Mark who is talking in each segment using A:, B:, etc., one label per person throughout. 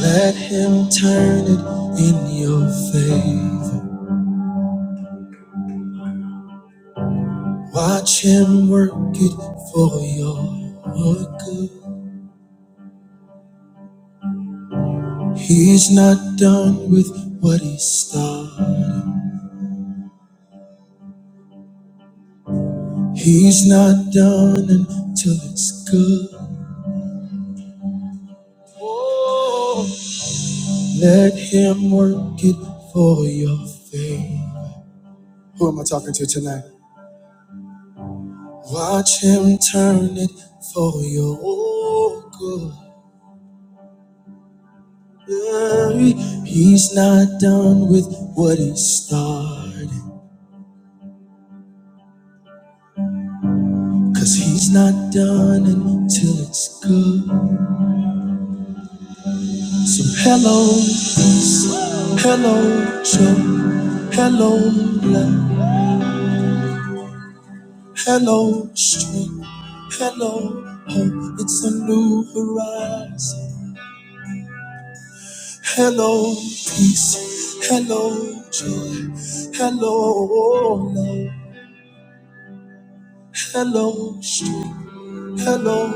A: Let him turn it in your favor. Watch him work it for your good. He's not done with what he started. He's not done until it's good. Oh, let him work it for your favor. Who am I talking to tonight? Watch him turn it for your good. He's not done with what he started. Cause he's not done until it's good. So hello, peace. Hello, joy. Hello, love. Hello, strength. Hello, hope. It's a new horizon. Hello, peace. Hello, joy. Hello, love. Hello, strength. Hello,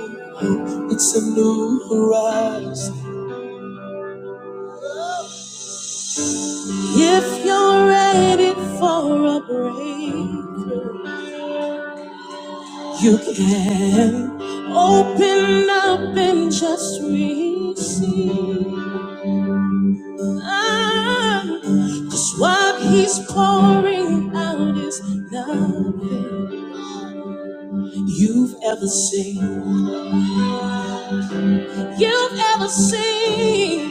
A: it's a new horizon. If you're ready for a breakthrough, you can open up and just receive. Ah, 'cause what he's pouring out is nothing you've ever seen. you've ever seen.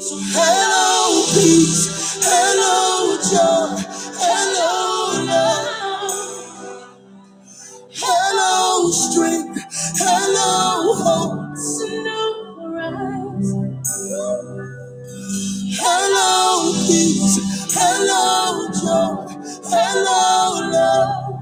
A: So hello peace, hello joy, hello love, hello strength, hello hope. Hello peace, hello joy, hello love.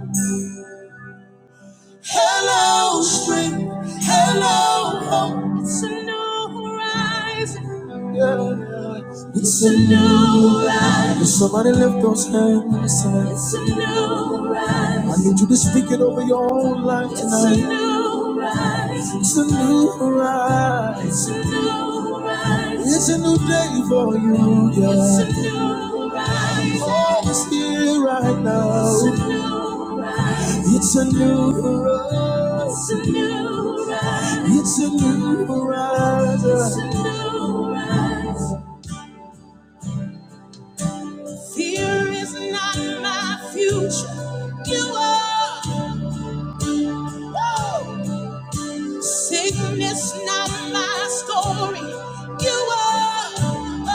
A: Hello, strength. Hello, hope. It's a new horizon. Yeah. It's a new horizon. Somebody lift those hands tonight. It's a new horizon. I need you to speak it over your own life it's tonight. A tonight. new horizon. It's a new horizon. It's a new horizon. It's a new day for you. Yeah. It's a new horizon. Oh, it's here right now. It's a new horizon. It's a new horizon. It's a new horizon. It's a new horizon. It's a new horizon. Fear is not my future. You are. Woo! Sickness not my story. You are.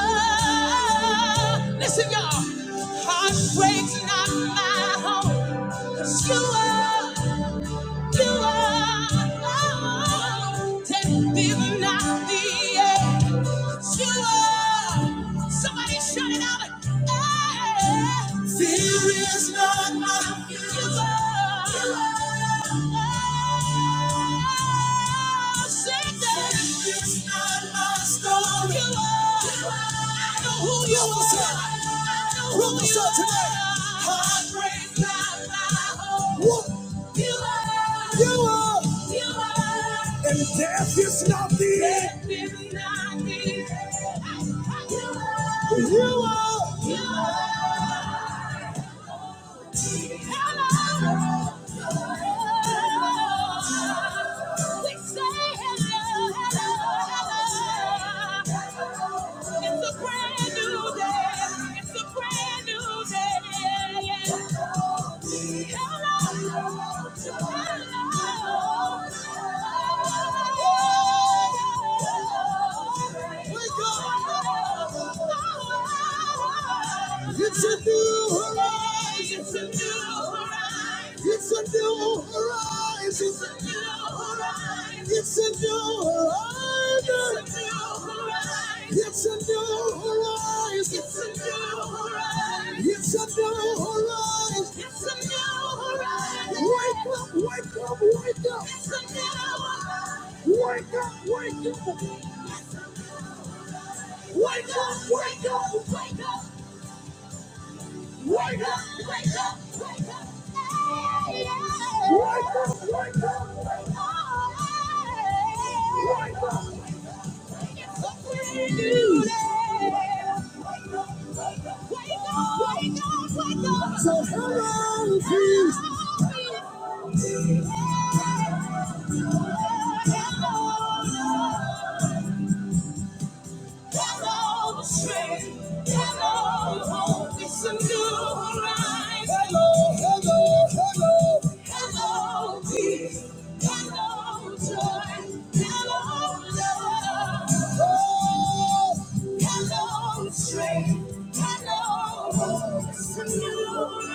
A: Oh. Listen, y'all. Heartbreak's not my home. 'Cause You are. You are death is not the end. You are somebody shout it out. Hey. There is none like you. You are. You are. It's not my story. You are. You are. I know who you are. I know who you are today. Heartbreak, not my home. What? You are. You are. You are. And death is not the end. Death is not the end. You are. You are. You are. Hello. It's a new horizon. It's a new horizon. It's a new horizon. It's a new horizon. It's a new horizon. It's a new horizon. It's a new horizon. It's a new horizon. It's a new horizon. Wake up, wake up, wake up. Wake up, wake up. Wake up, wake up. Wake up, wake up, wake up. Wake up, wake up. Wake up. So come on, please. Hello, hello. Hello, the strength. Hello, hope. It's a new rise. Hello, hello, hello. Hello, peace. Hello, joy. Hello, love. Oh, hello, the strength. Hello, hope. It's a new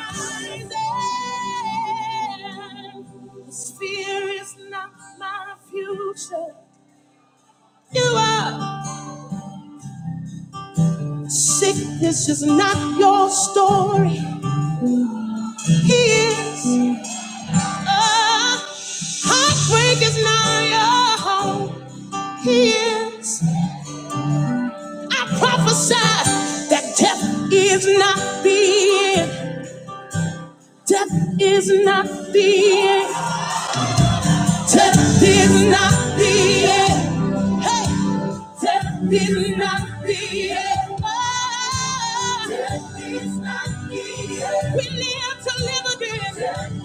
A: rise. Fear is not my future. You are. Sickness is not your story. He is. Uh, heartbreak is not your home. He is. I prophesy that death is not the end. Death is not the end. Death is not the end. Death is not the end. Death is not the end. We live to live again. Death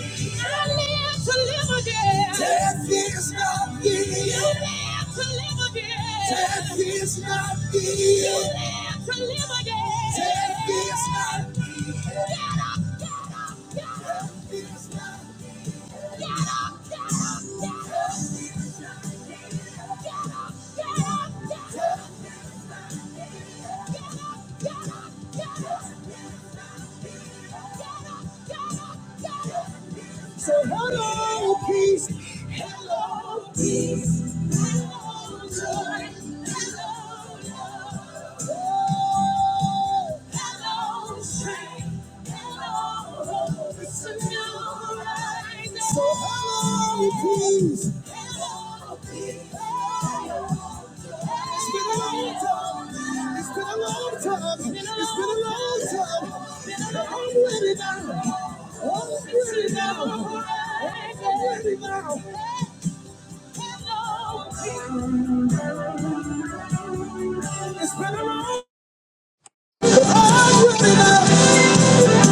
A: is not the end. I live to live again. Death is not the end. You live to live again. Death is not the end. You live to live again. Death is not the end. Get up, get up, get up. Death is not the end. Get up, get up, get up. So hello, peace. Hello, peace. Hello, joy. Hello, love. Oh, hello, strength. Hello, hope. It's a new rising. So hello. It's been a long time.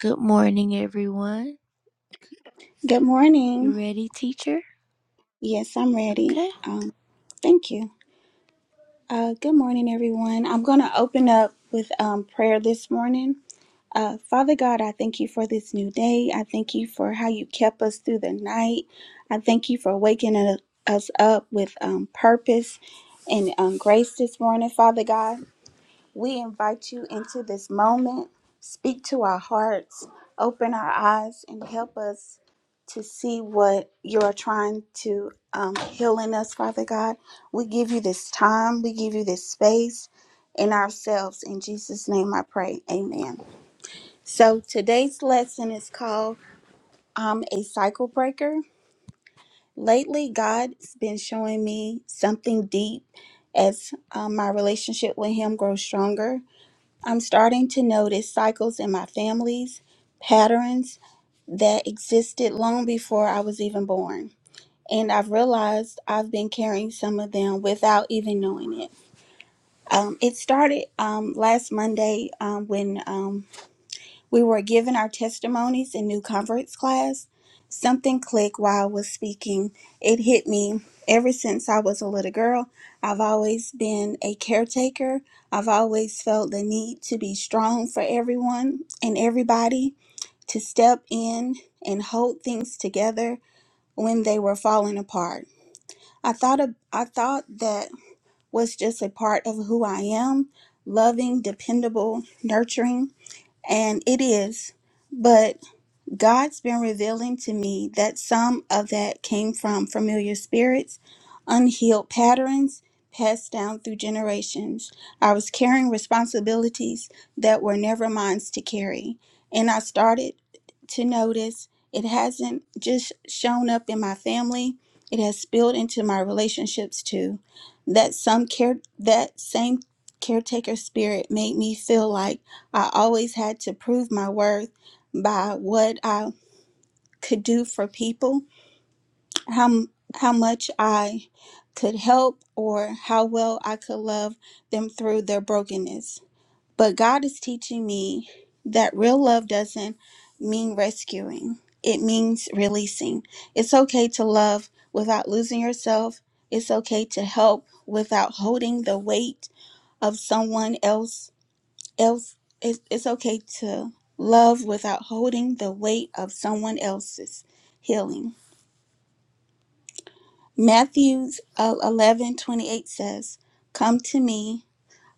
A: Good morning, everyone.
B: Good
A: You
B: morning.
A: ready, teacher?
B: Yes, I'm ready.
A: Okay.
B: Um, thank you. Uh, good morning, everyone. I'm going to open up with um, prayer this morning. Uh, Father God, I thank you for this new day. I thank you for how you kept us through the night. I thank you for waking u- us up with um, purpose and um, grace this morning, Father God. We invite you into this moment. Speak to our hearts, open our eyes, and help us to see what you're trying to um, heal in us, Father God. We give you this time, we give you this space in ourselves. In Jesus' name I pray. Amen. So today's lesson is called I'm a Cycle Breaker. Lately, God's been showing me something deep as um, my relationship with Him grows stronger I'm starting to notice cycles in my families, patterns that existed long before I was even born. And I've realized I've been carrying some of them without even knowing it. Um, it started um, last Monday um, when um, we were given our testimonies in new converts class. Something clicked while I was speaking. It hit me ever since I was a little girl. I've always been a caretaker. I've always felt the need to be strong for everyone and everybody to step in and hold things together when they were falling apart. I thought of, I thought that was just a part of who I am, loving, dependable, nurturing, and it is. But God's been revealing to me that some of that came from familiar spirits, unhealed patterns passed down through generations. I was carrying responsibilities that were never mine to carry. And I started to notice it hasn't just shown up in my family, it has spilled into my relationships too. That some care that same caretaker spirit made me feel like I always had to prove my worth by what I could do for people, how m- how much I could help or how well I could love them through their brokenness. But God is teaching me that real love doesn't mean rescuing. It means releasing. It's okay to love without losing yourself. It's okay to help without holding the weight of someone else else it's, it's okay to love without holding the weight of someone else's healing matthews 11 28 says come to me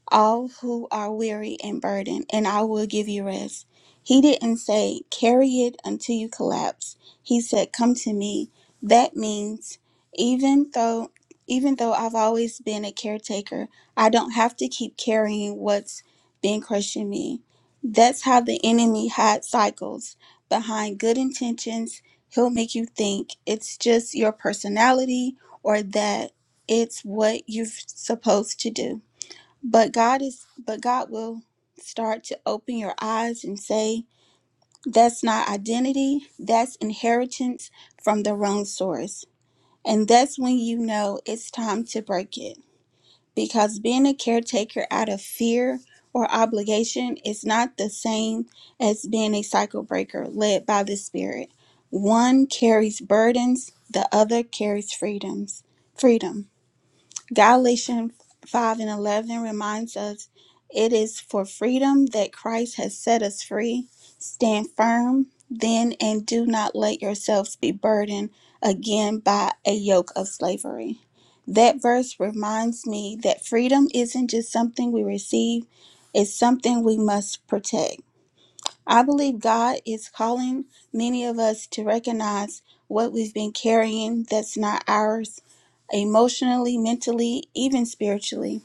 B: all who are weary and burdened, and I will give you rest. He didn't say, carry it until you collapse. He said, come to me. That means even though even though I've always been a caretaker, I don't have to keep carrying what's been crushing me. That's how the enemy hides cycles. Behind good intentions, he'll make you think it's just your personality or that it's what you're supposed to do. But God is but God will start to open your eyes and say, that's not identity, that's inheritance from the wrong source. And that's when you know it's time to break it. Because being a caretaker out of fear or obligation is not the same as being a cycle breaker led by the Spirit. One carries burdens, the other carries freedoms. Freedom. Galatians 5 and 11 reminds us it is for freedom that Christ has set us free. Stand firm then and do not let yourselves be burdened again by a yoke of slavery. That verse reminds me that freedom isn't just something we receive, it's something we must protect. I believe God is calling many of us to recognize what we've been carrying that's not ours, emotionally, mentally, even spiritually.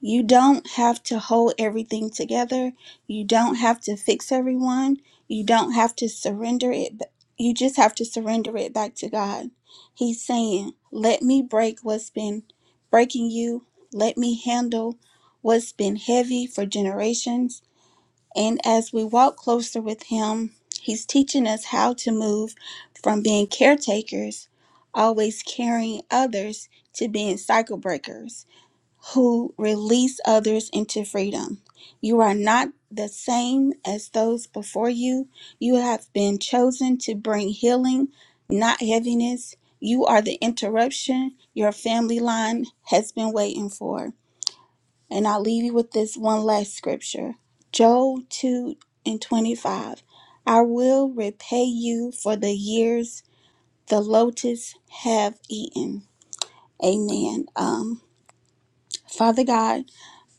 B: You don't have to hold everything together. You don't have to fix everyone. You don't have to surrender it. b- You just have to surrender it back to God. He's saying, Let me break what's been breaking you. Let me handle what's been heavy for generations and as we walk closer with Him, He's teaching us how to move from being caretakers, always carrying others, to being cycle breakers who release others into freedom. You are not the same as those before you. You have been chosen to bring healing, not heaviness. You are the interruption your family line has been waiting for. And I'll leave you with this one last scripture Job 2 and 25. I will repay you for the years the locusts have eaten. Amen. Um, Father God,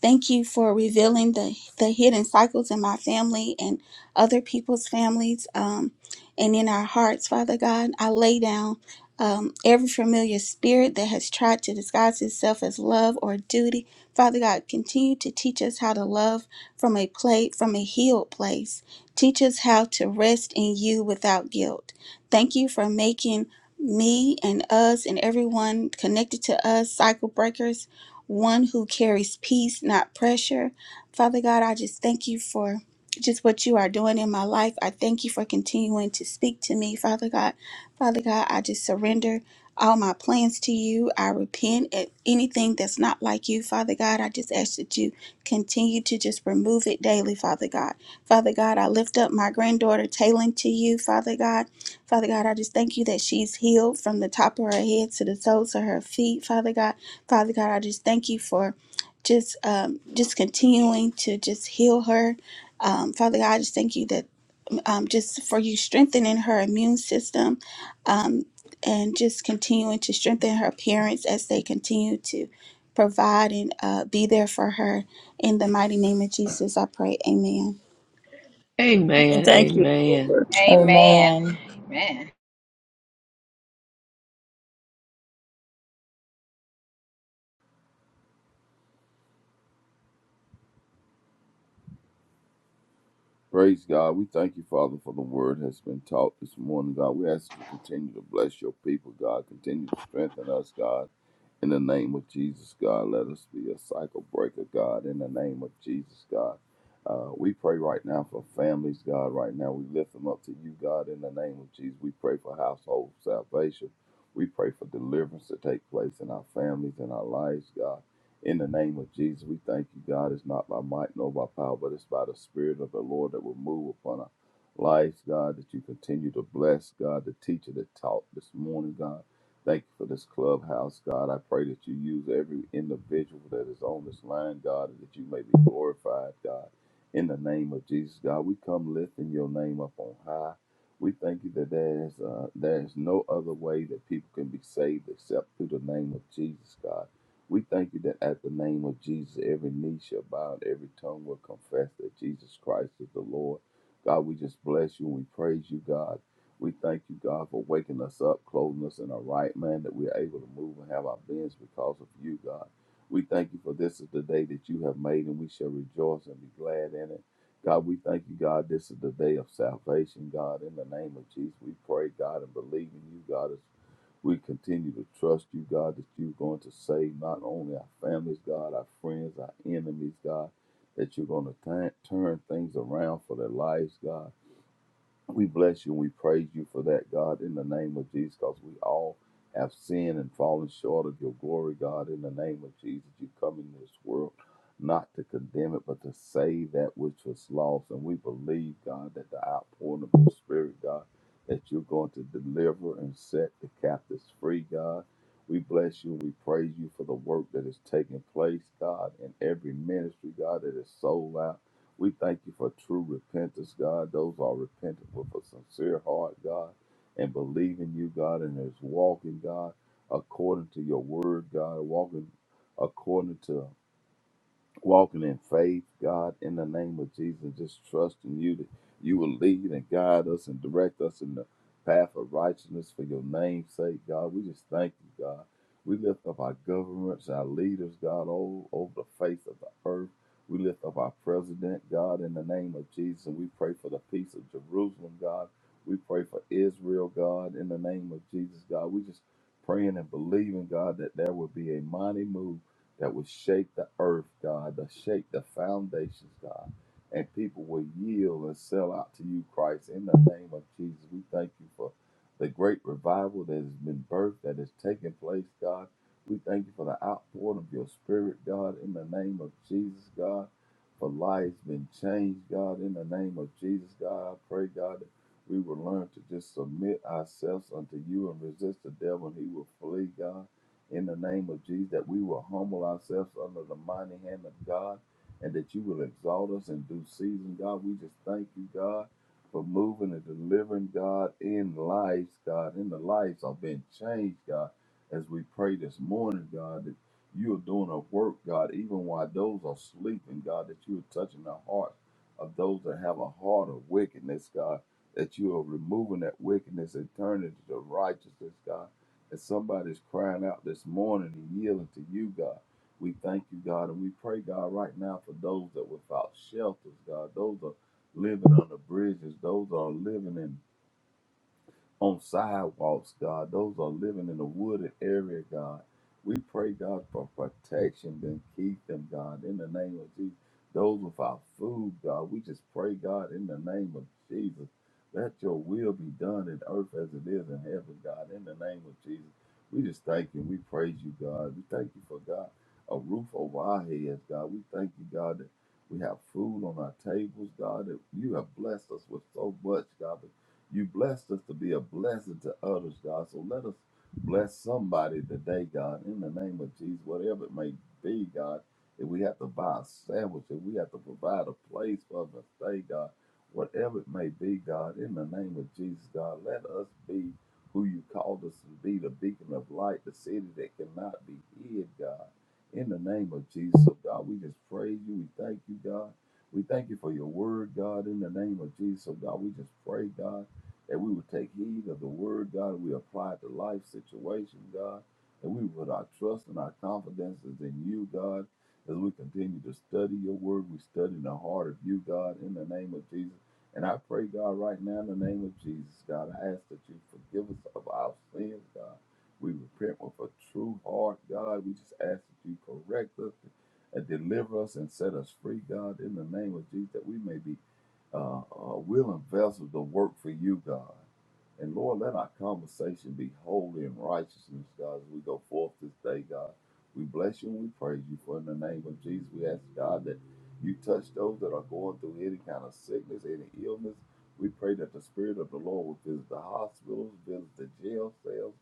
B: Thank you for revealing the, the hidden cycles in my family and other people's families um, and in our hearts, Father God. I lay down um, every familiar spirit that has tried to disguise itself as love or duty. Father God, continue to teach us how to love from a plate from a healed place. Teach us how to rest in you without guilt. Thank you for making me and us and everyone connected to us cycle breakers one who carries peace, not pressure. Father God, I just thank you for just what you are doing in my life. I thank you for continuing to speak to me, Father God. Father God, I just surrender all my plans to you. I repent at anything that's not like you, Father God. I just ask that you continue to just remove it daily, Father God. Father God, I lift up my granddaughter Taylin to you, Father God. Father God, I just thank you that she's healed from the top of her head to the soles of her feet, Father God. Father God, I just thank you for just um, just continuing to just heal her. Um, Father God, I just thank you that um, just for you strengthening her immune system um, and just continuing to strengthen her parents as they continue to provide and uh, be there for her. In the mighty name of Jesus, I pray. Amen.
C: And
D: Amen.
C: thank you,
D: Amen.
C: Lord.
E: Amen.
F: Amen.
E: Amen.
G: Praise God. We thank you, Father, for the word has been taught this morning, God. We ask you to continue to bless your people, God. Continue to strengthen us, God. In the name of Jesus, God, let us be a cycle breaker, God. In the name of Jesus, God. Uh, we pray right now for families, God. Right now, we lift them up to you, God. In the name of Jesus, we pray for household salvation. We pray for deliverance to take place in our families and our lives, God. In the name of Jesus, we thank you, God. It's not by might nor by power, but it's by the Spirit of the Lord that will move upon our lives, God, that you continue to bless, God, the teacher that taught this morning, God. Thank you for this clubhouse, God. I pray that you use every individual that is on this line, God, and that you may be glorified, God. In the name of Jesus, God, we come lifting your name up on high. We thank you that there is uh, there is no other way that people can be saved except through the name of Jesus, God. We thank you that at the name of Jesus, every knee shall bow and every tongue will confess that Jesus Christ is the Lord. God, we just bless you and we praise you, God. We thank you, God, for waking us up, clothing us in our right man, that we are able to move and have our beings because of you, God. We thank you for this is the day that you have made, and we shall rejoice and be glad in it. God, we thank you, God. This is the day of salvation, God. In the name of Jesus, we pray, God, and believe in you, God, as we continue to trust you, God, that you're going to save not only our families, God, our friends, our enemies, God, that you're going to turn turn things around for their lives, God. We bless you and we praise you for that, God, in the name of Jesus, because we all have sinned and fallen short of your glory, God, in the name of Jesus. You come in this world not to condemn it, but to save that which was lost. And we believe, God, that the outpouring of your spirit, God, that you're going to deliver and set the captives free, God. We bless you and we praise you for the work that is taking place, God, in every ministry, God, that is sold out. We thank you for true repentance, God. Those are repentant with a sincere heart, God, and believe in you, God, and is walking, God, according to your word, God, walking according to walking in faith, God, in the name of Jesus, just trusting you that you will lead and guide us and direct us in the path of righteousness for your name's sake, God. We just thank you, God. We lift up our governments, our leaders, God, all over the face of the earth. We lift up our president, God, in the name of Jesus, and we pray for the peace of Jerusalem, God. We pray for Israel, God, in the name of Jesus, God. We just praying and believing, God, that there will be a mighty move that would shake the earth, God, that shake the foundations, God. And people will yield and sell out to you, Christ. In the name of Jesus, we thank you for the great revival that has been birthed, that has taken place, God. We thank you for the outpouring of your spirit, God, in the name of Jesus, God. For lives been changed, God, in the name of Jesus, God. I pray, God, that we will learn to just submit ourselves unto you and resist the devil, and he will flee, God in the name of Jesus, that we will humble ourselves under the mighty hand of God and that you will exalt us in due season, God. We just thank you, God, for moving and delivering, God, in lives, God, in the lives of being changed, God, as we pray this morning, God, that you are doing a work, God, even while those are sleeping, God, that you are touching the hearts of those that have a heart of wickedness, God, that you are removing that wickedness and turning it to righteousness, God and somebody's crying out this morning and yielding to you, God. We thank you, God, and we pray, God, right now for those that without shelters, God. Those are living on the bridges. Those are living in on sidewalks, God, those are living in a wooded area, God. We pray, God, for protection and keep them, God, in the name of Jesus. Those without food, God, we just pray, God, in the name of Jesus. Let your will be done in earth as it is in heaven, God, in the name of Jesus. We just thank you. We praise you, God. We thank you for, God, a roof over our heads, God. We thank you, God, that we have food on our tables, God, that you have blessed us with so much, God you blessed us to be a blessing to others, God. So let us bless somebody today, God, in the name of Jesus, whatever it may be, God. If we have to buy a sandwich, if we have to provide a place for us to stay, God, whatever it may be, God, in the name of Jesus, God, let us be who you called us to be, the beacon of light, the city that cannot be hid, God. In the name of Jesus, So, God, we just praise you. We thank you, God. We thank you for your word, God, in the name of Jesus. So, God, we just pray, God that we would take heed of the word, God, we apply it to life situation, God, and we put our trust and our confidences in you, God, as we continue to study your word, we study the heart of you, God, in the name of Jesus. And I pray, God, right now in the name of Jesus, God, I ask that you forgive us of our sins, God. We repent with a true heart, God. We just ask that you correct us and deliver us and set us free, God, in the name of Jesus, that we may be uh, uh, willing vessels to work for you, God. And Lord, let our conversation be holy and righteousness, God, as we go forth this day, God. We bless you and we praise you for in the name of Jesus. We ask, God, that you touch those that are going through any kind of sickness, any illness. We pray that the Spirit of the Lord will visit the hospitals, visit the jail cells,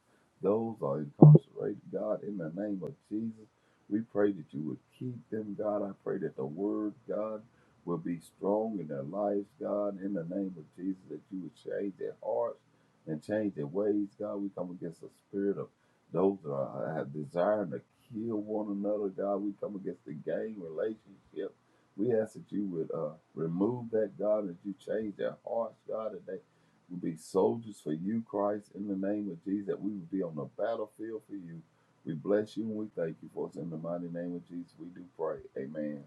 G: those are incarcerated, God, in the name of Jesus. We pray that you would keep them, God. I pray that the word, God, will be strong in their lives, God, in the name of Jesus, that you would change their hearts and change their ways, God. We come against the spirit of those that are have desiring to kill one another, God. We come against the gang relationship. We ask that you would uh, remove that, God, that you change their hearts, God, that they would be soldiers for you, Christ, in the name of Jesus, that we would be on the battlefield for you. We bless you and we thank you for us in the mighty name of Jesus. We do pray. Amen.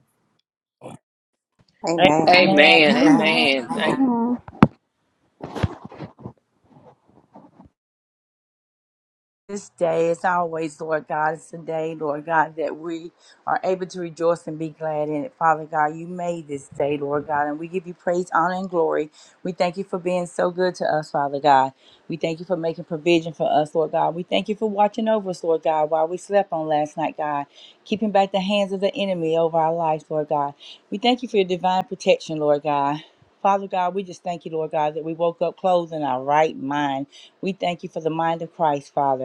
E: Amen.
F: Amen.
D: Amen. Amen. Thank.
F: this day as always lord god it's a day lord god that we are able to rejoice and be glad in it father god you made this day lord god and we give you praise honor and glory we thank you for being so good to us father god we thank you for making provision for us lord god we thank you for watching over us lord god while we slept on last night god keeping back the hands of the enemy over our lives lord god we thank you for your divine protection lord god Father God, we just thank you, Lord God, that we woke up clothed in our right mind. We thank you for the mind of Christ, Father.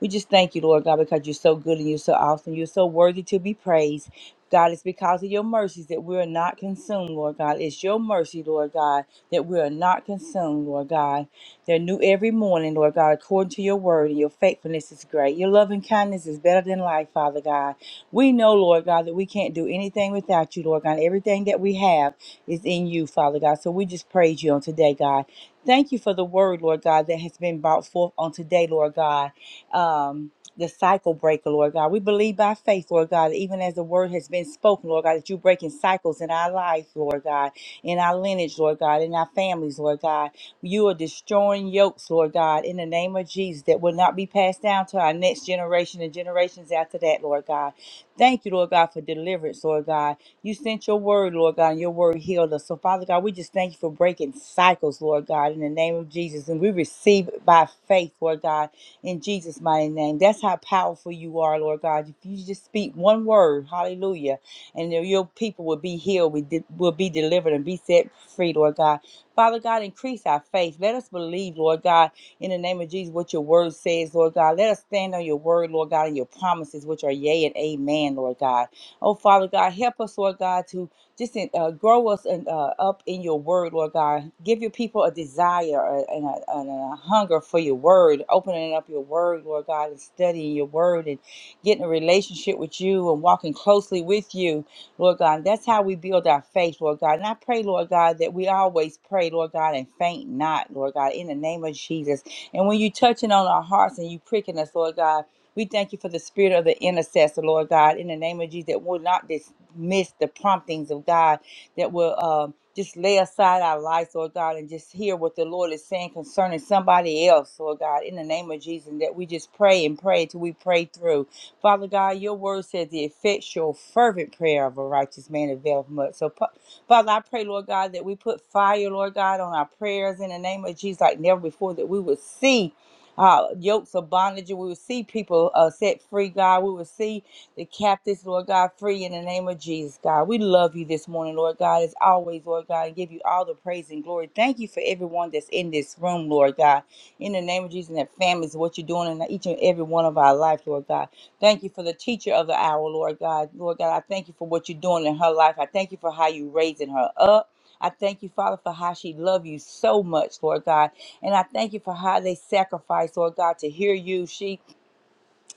F: We just thank you, Lord God, because you're so good and you're so awesome. You're so worthy to be praised. God, it's because of your mercies that we are not consumed, Lord God. It's your mercy, Lord God, that we are not consumed, Lord God. They're new every morning, Lord God, according to your word, and your faithfulness is great. Your loving kindness is better than life, Father God. We know, Lord God, that we can't do anything without you, Lord God. Everything that we have is in you, Father God. So we just praise you on today, God. Thank you for the word, Lord God, that has been brought forth on today, Lord God um, the cycle breaker, Lord God. We believe by faith, Lord God, even as the word has been spoken, Lord God, that you're breaking cycles in our life, Lord God, in our lineage, Lord God, in our families, Lord God. You are destroying yokes, Lord God, in the name of Jesus, that will not be passed down to our next generation and generations after that, Lord God. Thank you, Lord God, for deliverance, Lord God. You sent your word, Lord God, and your word healed us. So, Father God, we just thank you for breaking cycles, Lord God, in the name of Jesus. And we receive it by faith, Lord God in Jesus' mighty name. That's how powerful you are, Lord God. If you just speak one word, hallelujah, and your people will be healed, we de- will be delivered, and be set free, Lord God. Father God, increase our faith. Let us believe, Lord God, in the name of Jesus, what your word says, Lord God. Let us stand on your word, Lord God, and your promises, which are yea and amen, Lord God. Oh, Father God, help us, Lord God, to just uh, grow us and uh, up in your word, Lord God. Give your people a desire uh, and a, and a hunger for your word, opening up your word, Lord God, and studying your word and getting a relationship with you and walking closely with you, Lord God. that's how we build our faith, Lord God. And I pray, Lord God, that we always pray, Lord God, and faint not, Lord God, in the name of Jesus. And when you touching on our hearts and you pricking us, Lord God, we thank you for the spirit of the intercessor, Lord God, in the name of Jesus, that will not dismiss the promptings of God, that will um, just lay aside our lives, Lord God, and just hear what the Lord is saying concerning somebody else, Lord God, in the name of Jesus, and that we just pray and pray till we pray through. Father God, your word says the effectual, fervent prayer of a righteous man availeth much. So, Pa- Father, I pray, Lord God, that we put fire, Lord God, on our prayers in the name of Jesus like never before, that we would see uh, yokes of bondage. We will see people uh, set free, God. We will see the captives, Lord God, free in the name of Jesus, God. We love you this morning, Lord God, as always, Lord God, and give you all the praise and glory. Thank you for everyone that's in this room, Lord God. In the name of Jesus and their families, what you're doing in each and every one of our life, Lord God. Thank you for the teacher of the hour, Lord God. Lord God, I thank you for what you're doing in her life. I thank you for how you raising her up. I thank you, Father, for how she loved you so much, Lord God. And I thank you for how they sacrifice, Lord God, to hear you, she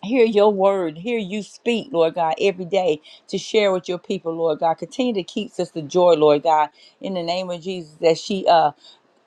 F: hear your word, hear you speak, Lord God, every day to share with your people, Lord God. Continue to keep Sister Joy, Lord God, in the name of Jesus, that she uh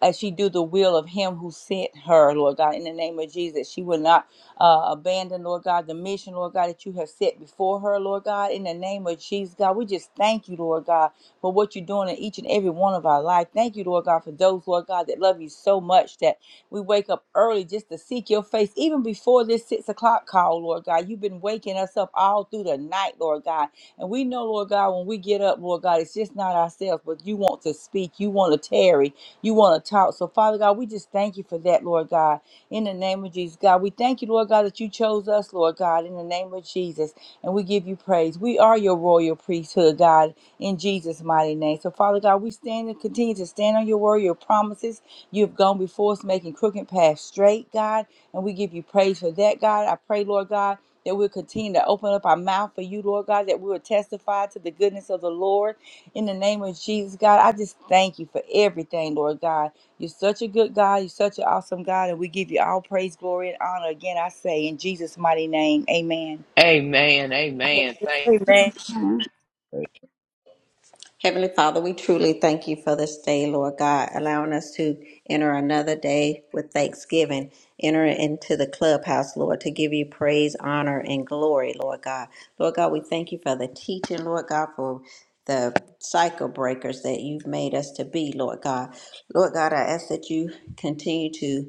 F: as she do the will of him who sent her, Lord God, in the name of Jesus. She will not uh, abandon, Lord God, the mission, Lord God, that you have set before her, Lord God, in the name of Jesus, God. We just thank you, Lord God, for what you're doing in each and every one of our life. Thank you, Lord God, for those, Lord God, that love you so much that we wake up early just to seek your face, even before this six o'clock call, Lord God. You've been waking us up all through the night, Lord God. And we know, Lord God, when we get up, Lord God, it's just not ourselves, but you want to speak, you want to tarry you want to talk. So, Father God, we just thank you for that, Lord God. In the name of Jesus, God, we thank you, Lord God, that you chose us, Lord God, in the name of Jesus. And we give you praise. We are your royal priesthood, God, in Jesus' mighty name. So, Father God, we stand and continue to stand on your word, your promises. You've gone before us, making crooked paths straight, God. And we give you praise for that, God. I pray, Lord God. That we'll continue to open up our mouth for you, Lord God, that we will testify to the goodness of the Lord in the name of Jesus, God, I just thank you for everything, Lord God. You're such a good God. You're such an awesome God. And we give you all praise, glory, and honor. Again, I say in Jesus' mighty name, amen.
D: Amen. Amen. Thank.
C: Amen.
B: Amen.
G: A-
E: Heavenly Father, we truly thank you for this day, Lord God, allowing us to enter another day with thanksgiving, enter into the clubhouse, Lord, to give you praise, honor, and glory, Lord God. Lord God, we thank you for the teaching, Lord God, for the cycle breakers that you've made us to be, Lord God. Lord God, I ask that you continue to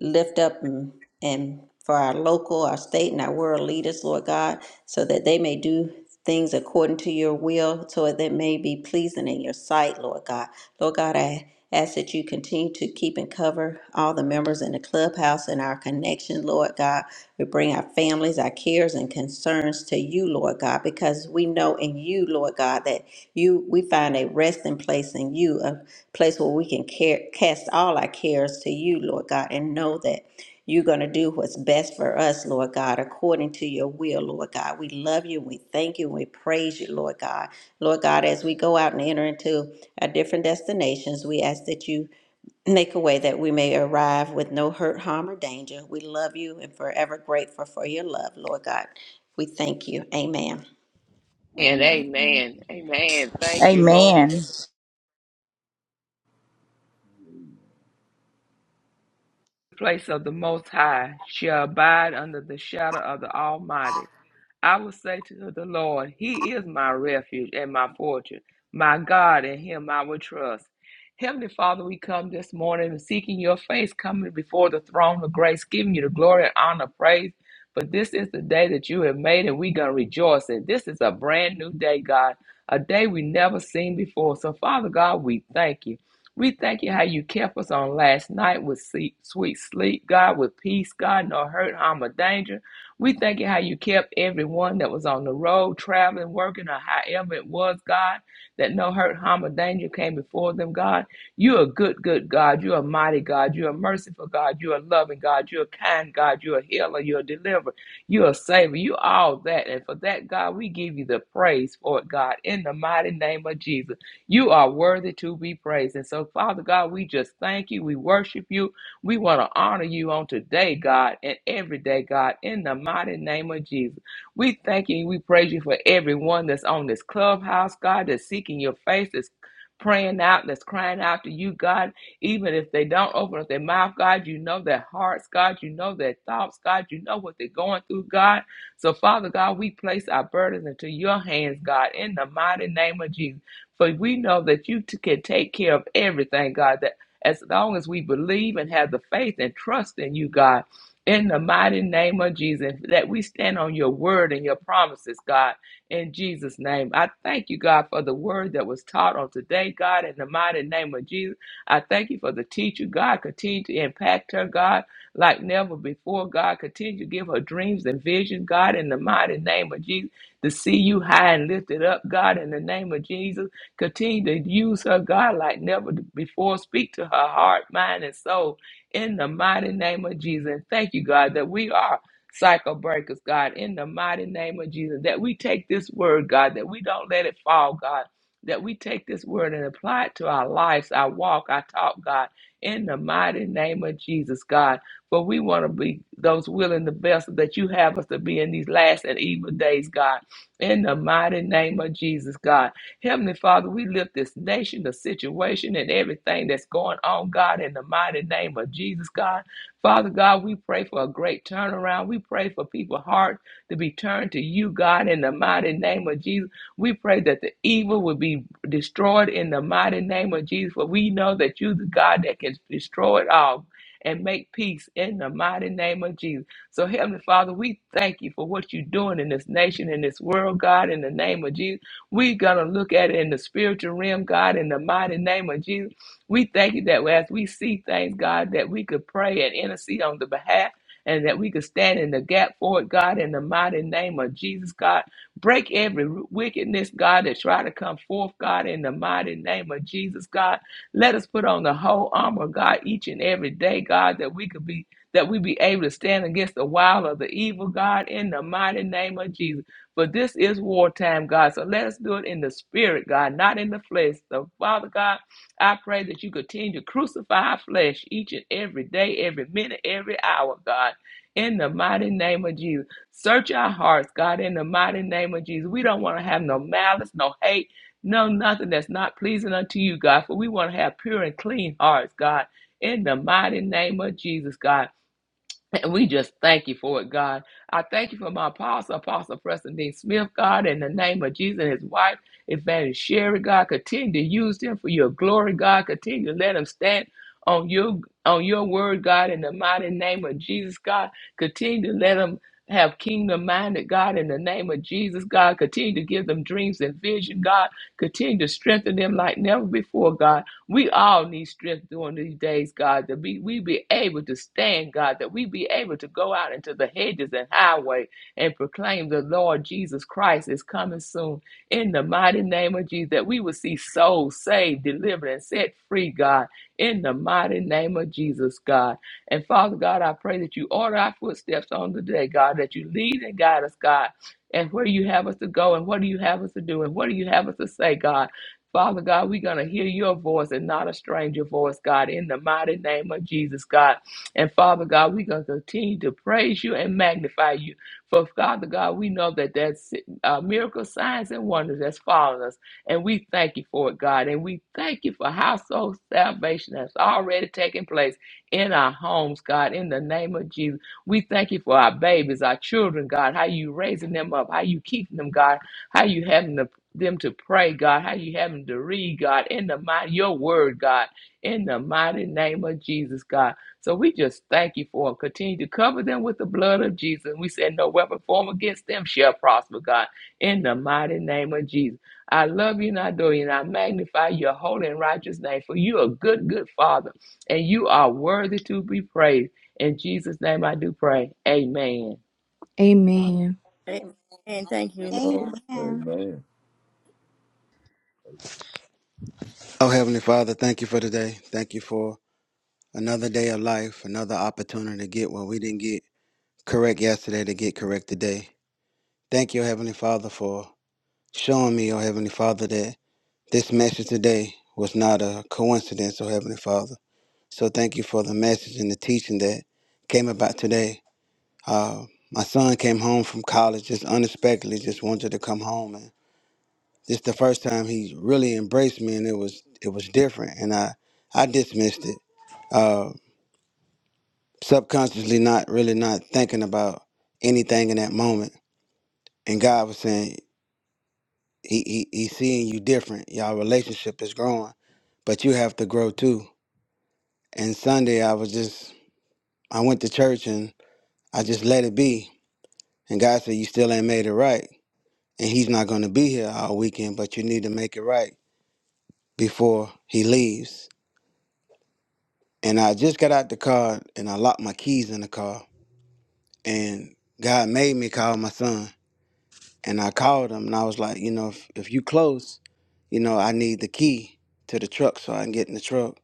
E: lift up and, and for our local, our state, and our world leaders, Lord God, so that they may do things according to your will, so that they may be pleasing in your sight, Lord God. Lord God, I ask that you continue to keep and cover all the members in the club clubhouse and our connection, Lord God. We bring our families, our cares, and concerns to you, Lord God, because we know in you, Lord God, that you we find a resting place in you, a place where we can care, cast all our cares to you, Lord God, and know that you're going to do what's best for us, Lord God, according to your will, Lord God. We love you, we thank you, we praise you, Lord God. Lord God, as we go out and enter into our different destinations, we ask that you Make a way that we may arrive with no hurt, harm, or danger. We love you and forever grateful for your love, Lord God. We thank you. Amen.
D: And amen. Amen. Thank you, Lord.
F: Amen.
D: place of the Most High shall abide under the shadow of the Almighty. I will say to the Lord, He is my refuge and my fortress, my God, in Him I will trust. Heavenly Father, we come this morning seeking your face, coming before the throne of grace, giving you the glory and honor, praise. But this is the day that you have made, and we're going to rejoice in. This is a brand new day, God, a day we never seen before. So, Father God, we thank you. We thank you how you kept us on last night with sweet sleep, God, with peace, God, no hurt, harm, or danger. We thank you how you kept everyone that was on the road, traveling, working, or however it was, God, that no hurt, harm, or danger came before them, God. You're a good, good God. You're a mighty God. You're a merciful God. You're a loving God. You're a kind God. You're a healer. You're a deliverer. You're a savior. You're all that. And for that, God, we give you the praise for it, God, in the mighty name of Jesus. You are worthy to be praised. And so, Father God, we just thank you. We worship you. We want to honor you on today, God, and every day, God, in the mighty name of Jesus. We thank you. We praise you for everyone that's on this clubhouse, God, that's seeking your face, that's praying out, that's crying out to you, God. Even if they don't open up their mouth, God, you know their hearts, God. You know their thoughts, God. You know what they're going through, God. So, Father God, we place our burdens into your hands, God, in the mighty name of Jesus. For we know that you t- can take care of everything, God, that as long as we believe and have the faith and trust in you, God, in the mighty name of Jesus, that we stand on your word and your promises, God, in Jesus' name. I thank you, God, for the word that was taught on today, God, in the mighty name of Jesus. I thank you for the teacher, God. Continue to impact her, God, like never before, God. Continue to give her dreams and visions, God, in the mighty name of Jesus, to see you high and lifted up, God, in the name of Jesus. Continue to use her, God, like never before. Speak to her heart, mind, and soul in the mighty name of Jesus. And thank you, God, that we are cycle breakers, God, in the mighty name of Jesus. That we take this word, God, that we don't let it fall, God. That we take this word and apply it to our lives, our walk, our talk, God, in the mighty name of Jesus, God. For we want to be those willing the vessels that you have us to be in these last and evil days, God. In the mighty name of Jesus, God. Heavenly Father, we lift this nation, the situation, and everything that's going on, God, in the mighty name of Jesus, God. Father God, we pray for a great turnaround. We pray for people's hearts to be turned to you, God, in the mighty name of Jesus. We pray that the evil will be destroyed in the mighty name of Jesus, for we know that you, the God that can destroy it all. And make peace in the mighty name of Jesus. So, Heavenly Father, we thank you for what you're doing in this nation, in this world, God, in the name of Jesus. We're going to look at it in the spiritual realm, God, in the mighty name of Jesus. We thank you that as we see things, God, that we could pray and intercede on the behalf and that we could stand in the gap for it, God, in the mighty name of Jesus, God. Break every wickedness, God, that try to come forth, God, in the mighty name of Jesus, God. Let us put on the whole armor, God, each and every day, God, that we could be that we be able to stand against the wild of the evil, God, in the mighty name of Jesus. But this is wartime, God. So let us do it in the spirit, God, not in the flesh. So, Father God, I pray that you continue to crucify our flesh each and every day, every minute, every hour, God. In the mighty name of Jesus. Search our hearts, God, in the mighty name of Jesus. We don't want to have no malice, no hate, no nothing that's not pleasing unto you, God. For we want to have pure and clean hearts, God. In the mighty name of Jesus, God. And we just thank you for it, God. I thank you for my apostle, Apostle Preston Dean Smith, God, in the name of Jesus and his wife, Evangelist Sherry, God. Continue to use them for your glory, God. Continue to let them stand on your on your word, God, in the mighty name of Jesus, God. Continue to let them have kingdom minded, God, in the name of Jesus, God. Continue to give them dreams and vision, God. Continue to strengthen them like never before, God. We all need strength during these days, God, that we, we be able to stand, God, that we be able to go out into the hedges and highway and proclaim the Lord Jesus Christ is coming soon. In the mighty name of Jesus, that we will see souls saved, delivered, and set free, God. In the mighty name of Jesus, God. And Father God, I pray that you order our footsteps on the day, God, that you lead and guide us, God. And where do you have us to go, and what do you have us to do, and what do you have us to say, God? Father God, we're going to hear your voice and not a stranger voice, God, in the mighty name of Jesus, God. And Father God, we're going to continue to praise you and magnify you. For Father God, we know that that's uh, miracle signs and wonders that's following us. And we thank you for it, God. And we thank you for household salvation that's already taken place in our homes, God, in the name of Jesus. We thank you for our babies, our children, God, how you raising them up, how you keeping them, God, how you having the them to pray, God, how you have them to read, God, in the mighty, your word, God, in the mighty name of Jesus, God. So we just thank you for them. Continue to cover them with the blood of Jesus. We said, No weapon formed against them shall prosper, God, in the mighty name of Jesus. I love you and I adore you, and I magnify your holy and righteous name, for you are a good, good Father, and you are worthy to be praised. In Jesus' name I do pray. Amen.
A: Amen.
E: Amen.
C: Amen. Thank you, Lord.
E: Amen.
B: Amen.
G: Amen.
H: Oh, Heavenly Father, thank you for today. Thank you for another day of life, another opportunity to get what we didn't get correct yesterday to get correct today. Thank you, Heavenly Father, for showing me, oh Heavenly Father, that this message today was not a coincidence, oh Heavenly Father. So thank you for the message and the teaching that came about today. Uh, my son came home from college just unexpectedly, just wanted to come home. and. This the first time he really embraced me, and it was it was different, and I I dismissed it, uh, subconsciously, not really not thinking about anything in that moment. And God was saying, he, he He's seeing you different. Y'all relationship is growing, but you have to grow too. And Sunday, I was just I went to church and I just let it be. And God said, you still ain't made it right, and He's not gonna be here all weekend, but you need to make it right before He leaves And I just got out the car and I locked my keys in the car. And God made me call my son. And I called him and I was like, you know, if, if you close, you know, I need the key to the truck so I can get in the truck.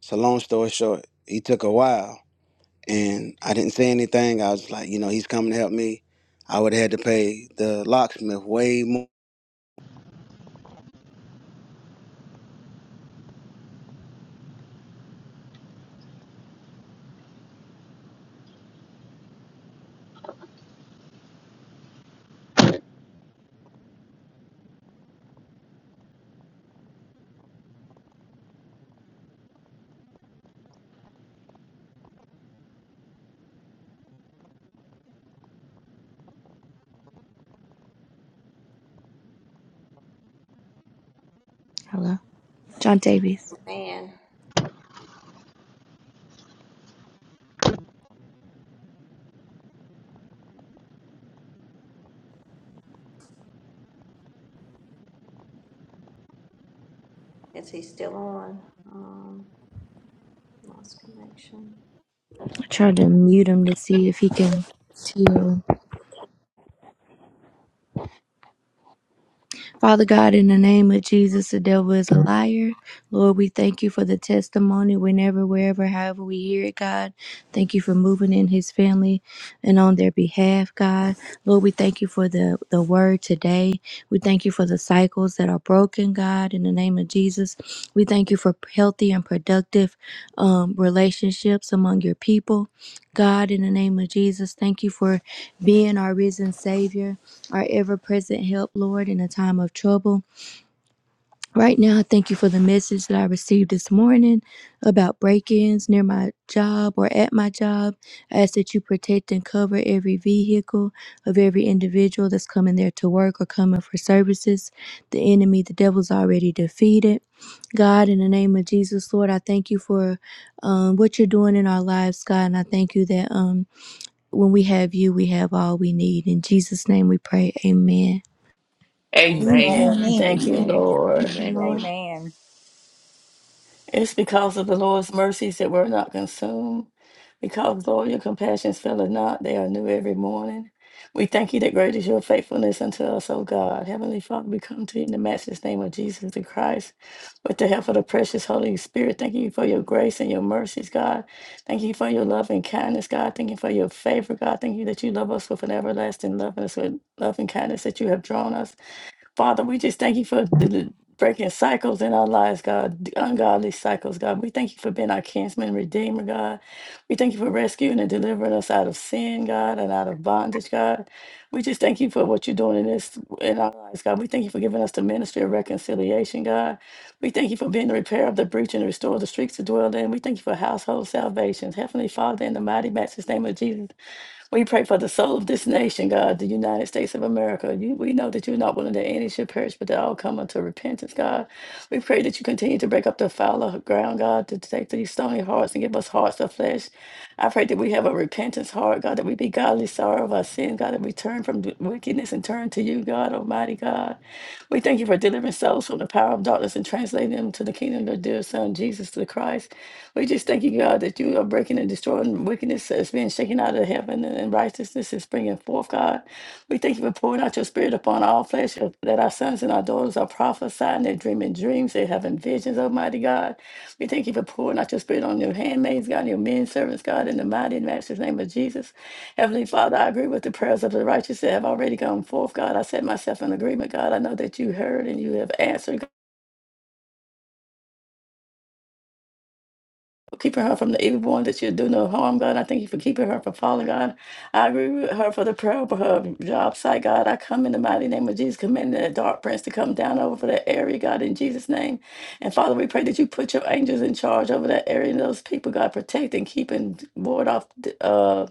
H: So long story short, he took a while and I didn't say anything. I was like, you know, he's coming to help me. I would have had to pay the locksmith way more.
A: John Davies.
E: Is he still on? Um, lost connection.
A: I tried to mute him to see if he can see. Father God, in the name of Jesus, the devil is a liar. Lord, we thank you for the testimony whenever, wherever, however we hear it, God. Thank you for moving in his family and on their behalf, God. Lord, we thank you for the, the word today. We thank you for the cycles that are broken, God, in the name of Jesus. We thank you for healthy and productive um, relationships among your people. God, in the name of Jesus, thank you for being our risen Savior our ever present help, Lord, in a time of trouble. Right now, I thank you for the message that I received this morning about break ins near my job or at my job. I ask that you protect and cover every vehicle of every individual that's coming there to work or coming for services. The enemy, the devil's already defeated. God, in the name of Jesus, Lord, I thank you for um, what you're doing in our lives, God, and I thank you that um, when we have you, we have all we need. In Jesus' name we pray. Amen.
D: Amen.
C: Amen.
B: Amen.
C: Thank you,
D: Amen.
C: Lord.
B: Thank you,
D: Amen.
B: Lord.
G: Amen.
F: Amen.
C: It's because of the Lord's mercies that we're not consumed. Because, Lord, your compassions fail us not, they are new every morning. We thank you that great is your faithfulness unto us, O God. Heavenly Father, we come to you in the matchless name of Jesus the Christ with the help of the precious Holy Spirit. Thank you for your grace and your mercies, God. Thank you for your love and kindness, God. Thank you for your favor, God. Thank you that you love us with an everlasting love and with love and kindness that you have drawn us. Father, we just thank you for the, the breaking cycles in our lives, God, the ungodly cycles, God. We thank you for being our kinsman and redeemer, God. We thank you for rescuing and delivering us out of sin, God, and out of bondage, God. We just thank you for what you're doing in this in our lives, God. We thank you for giving us the ministry of reconciliation, God. We thank you for being the repair of the breach and restore the streets to dwell in. We thank you for household salvations. Heavenly Father, in the mighty matchless name of Jesus. We pray for the soul of this nation, God, the United States of America. You, we know that you're not willing that any should perish, but they all come unto repentance, God. We pray that you continue to break up the foul ground, God, to take these stony hearts and give us hearts of flesh. I pray that we have a repentance heart, God, that we be godly sorrowful, of our sin, God, and we turn from d- wickedness and turn to you, God, Almighty God. We thank you for delivering souls from the power of darkness and translating them to the kingdom of your dear Son, Jesus the Christ. We just thank you, God, that you are breaking and destroying wickedness that's being shaken out of heaven and and righteousness is bringing forth, God. We thank you for pouring out your spirit upon all flesh, uh, that our sons and our daughters are prophesying, they're dreaming dreams, they're having visions, Almighty God. We thank you for pouring out your spirit on your handmaids, God, and your men servants, God, in the mighty and matchless name of Jesus. Heavenly Father, I agree with the prayers of the righteous that have already gone forth, God. I set myself in agreement, God. I know that you heard and you have answered, God. keeping her from the evil one, that you do no harm, God. I thank you for keeping her from falling, God. I agree with her for the prayer over her job site, God. I come in the mighty name of Jesus, commanding that dark prince to come down over that area, God, in Jesus' name. And Father, we pray that you put your angels in charge over that area and those people, God. Protect and keep and ward off uh,